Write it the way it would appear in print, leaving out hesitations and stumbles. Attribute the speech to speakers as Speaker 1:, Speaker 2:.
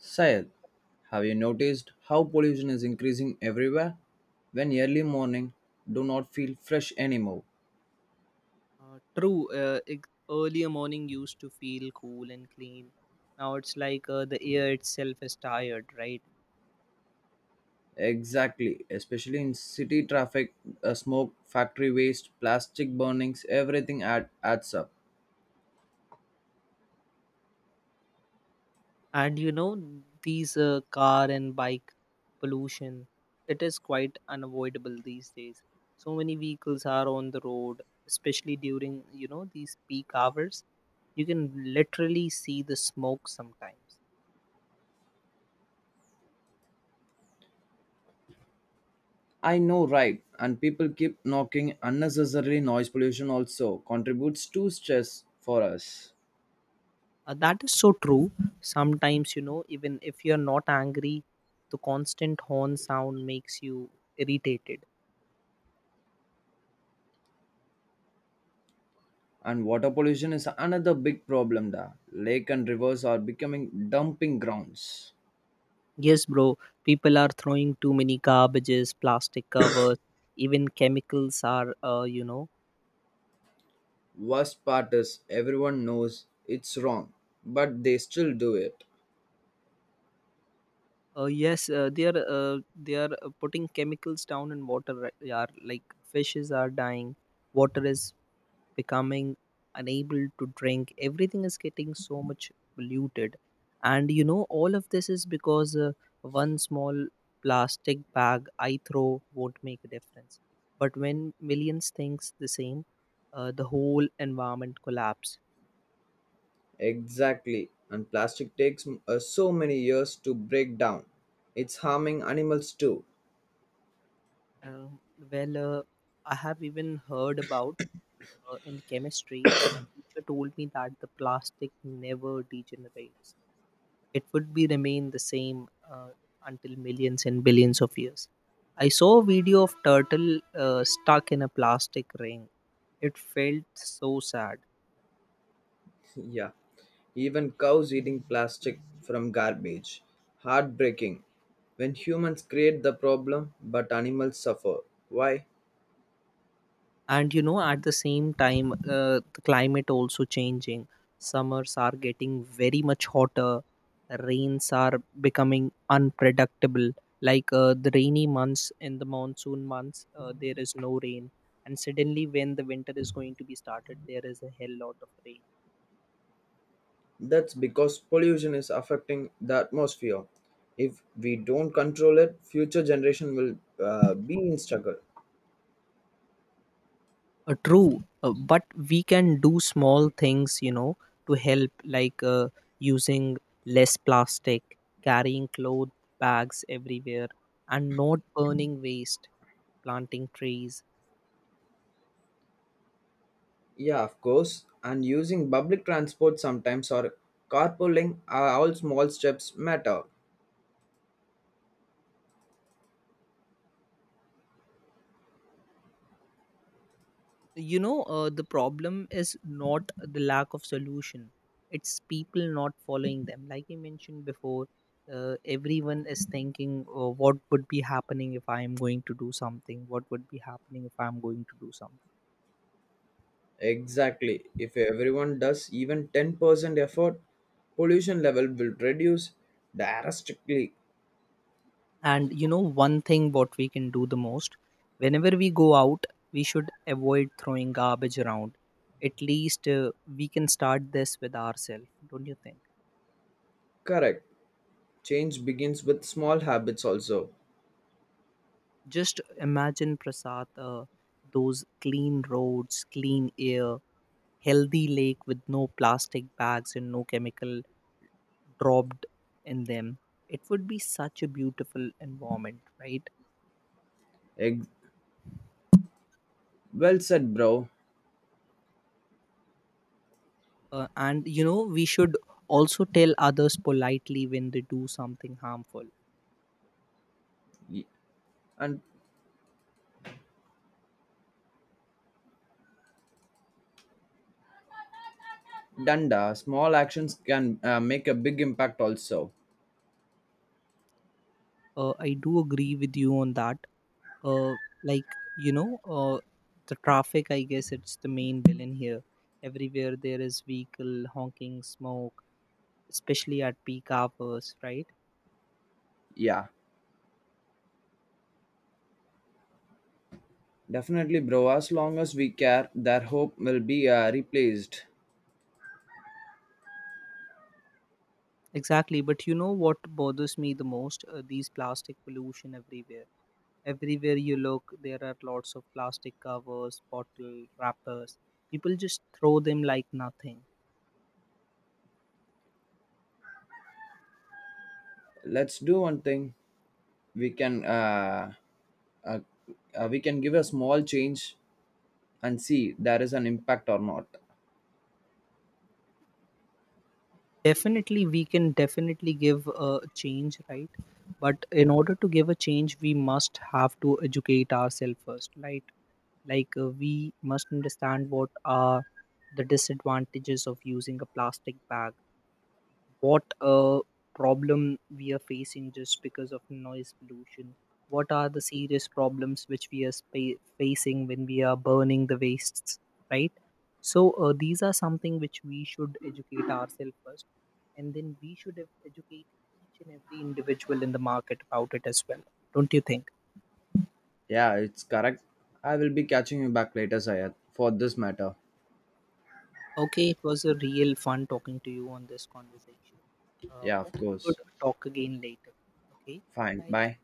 Speaker 1: Syed, have you noticed how pollution is increasing everywhere? When early morning do not feel fresh anymore.
Speaker 2: True. Earlier morning used to feel cool and clean. Now it's like the air itself is tired, right?
Speaker 1: Exactly, especially in city traffic, smoke, factory waste, plastic burnings, everything adds up.
Speaker 2: And you know, these car and bike pollution, it is quite unavoidable these days. So many vehicles are on the road, especially during, you know, these peak hours. You can literally see the smoke sometimes.
Speaker 1: I know, right? And people keep knocking unnecessarily. Noise pollution also contributes to stress for us.
Speaker 2: That is so true. Sometimes, you know, even if you're not angry, the constant horn sound makes you irritated.
Speaker 1: And water pollution is another big problem. Da lake and rivers are becoming dumping grounds.
Speaker 2: Yes, bro, people are throwing too many garbages, plastic covers, even chemicals are, you know,
Speaker 1: Worst part is everyone knows it's wrong, but they still do it.
Speaker 2: yes, they are putting chemicals down in water. Right? Yeah, like fishes are dying, water is becoming unable to drink. Everything is getting so much polluted. And you know, all of this is because one small plastic bag I throw won't make a difference, but when millions thinks the same, the whole environment collapse.
Speaker 1: Exactly. And plastic takes so many years to break down. It's harming animals too.
Speaker 2: Um, well uh, I have even heard about in chemistry my teacher told me that the plastic never degenerates, it would be remain the same until millions and billions of years. I saw a video of turtle stuck in a plastic ring. It felt so sad.
Speaker 1: Yeah. Even cows eating plastic from garbage. Heartbreaking. When humans create the problem, but animals suffer. Why?
Speaker 2: And you know, at the same time, the climate also changing. Summers are getting very much hotter. Rains are becoming unpredictable. Like the rainy months, in the monsoon months, there is no rain, and suddenly when the winter is going to be started, there is a hell lot of rain.
Speaker 1: That's because pollution is affecting the atmosphere. If we don't control it, future generation will be in struggle.
Speaker 2: True, but we can do small things, you know, to help, like using less plastic, carrying cloth bags everywhere, and not burning waste, planting trees.
Speaker 1: Yeah, of course. And using public transport sometimes or carpooling are all small steps matter.
Speaker 2: You know, the problem is not the lack of solution, it's people not following them. Like I mentioned before, everyone is thinking, oh, what would be happening if I am going to do something? What would be happening if I'm going to do something?
Speaker 1: Exactly. If everyone does even 10% effort, pollution level will reduce drastically.
Speaker 2: And you know, one thing what we can do the most, whenever we go out, we should avoid throwing garbage around. At least we can start this with ourselves, don't you think?
Speaker 1: Correct. Change begins with small habits also.
Speaker 2: Just imagine Prasad, those clean roads, clean air, healthy lake with no plastic bags and no chemical dropped in them. It would be such a beautiful environment, right?
Speaker 1: Ex- well said, bro.
Speaker 2: And you know, we should also tell others politely when they do something harmful.
Speaker 1: Y- And Danda, small actions can make a big impact also.
Speaker 2: I do agree with you on that. Uh, like you know, the traffic. I guess it's the main villain here. Everywhere there is vehicle honking, smoke, especially at peak hours, right?
Speaker 1: Yeah, definitely, bro. As long as we care, their hope will be replaced.
Speaker 2: Exactly. But you know what bothers me the most? These plastic pollution everywhere. Everywhere you look, there are lots of plastic covers, bottle wrappers. People just throw them like nothing.
Speaker 1: Let's do one thing. We can uh, we can give a small change and see there is an impact or not.
Speaker 2: Definitely, we can definitely give a change, right? But in order to give a change, we must have to educate ourselves first, right? Like we must understand what are the disadvantages of using a plastic bag, what problem we are facing just because of noise pollution, what are the serious problems which we are facing when we are burning the wastes, right? So these are something which we should educate ourselves first, and then we should educate each and every individual in the market about it as well, don't you think?
Speaker 1: Yeah, it's correct. I will be catching you back later, Sayed, for this matter.
Speaker 2: Okay, it was a real fun talking to you on this conversation. uh,
Speaker 1: Yeah, of
Speaker 2: hope we
Speaker 1: course.
Speaker 2: could talk again later. Okay.
Speaker 1: Fine,
Speaker 2: Bye.
Speaker 1: bye.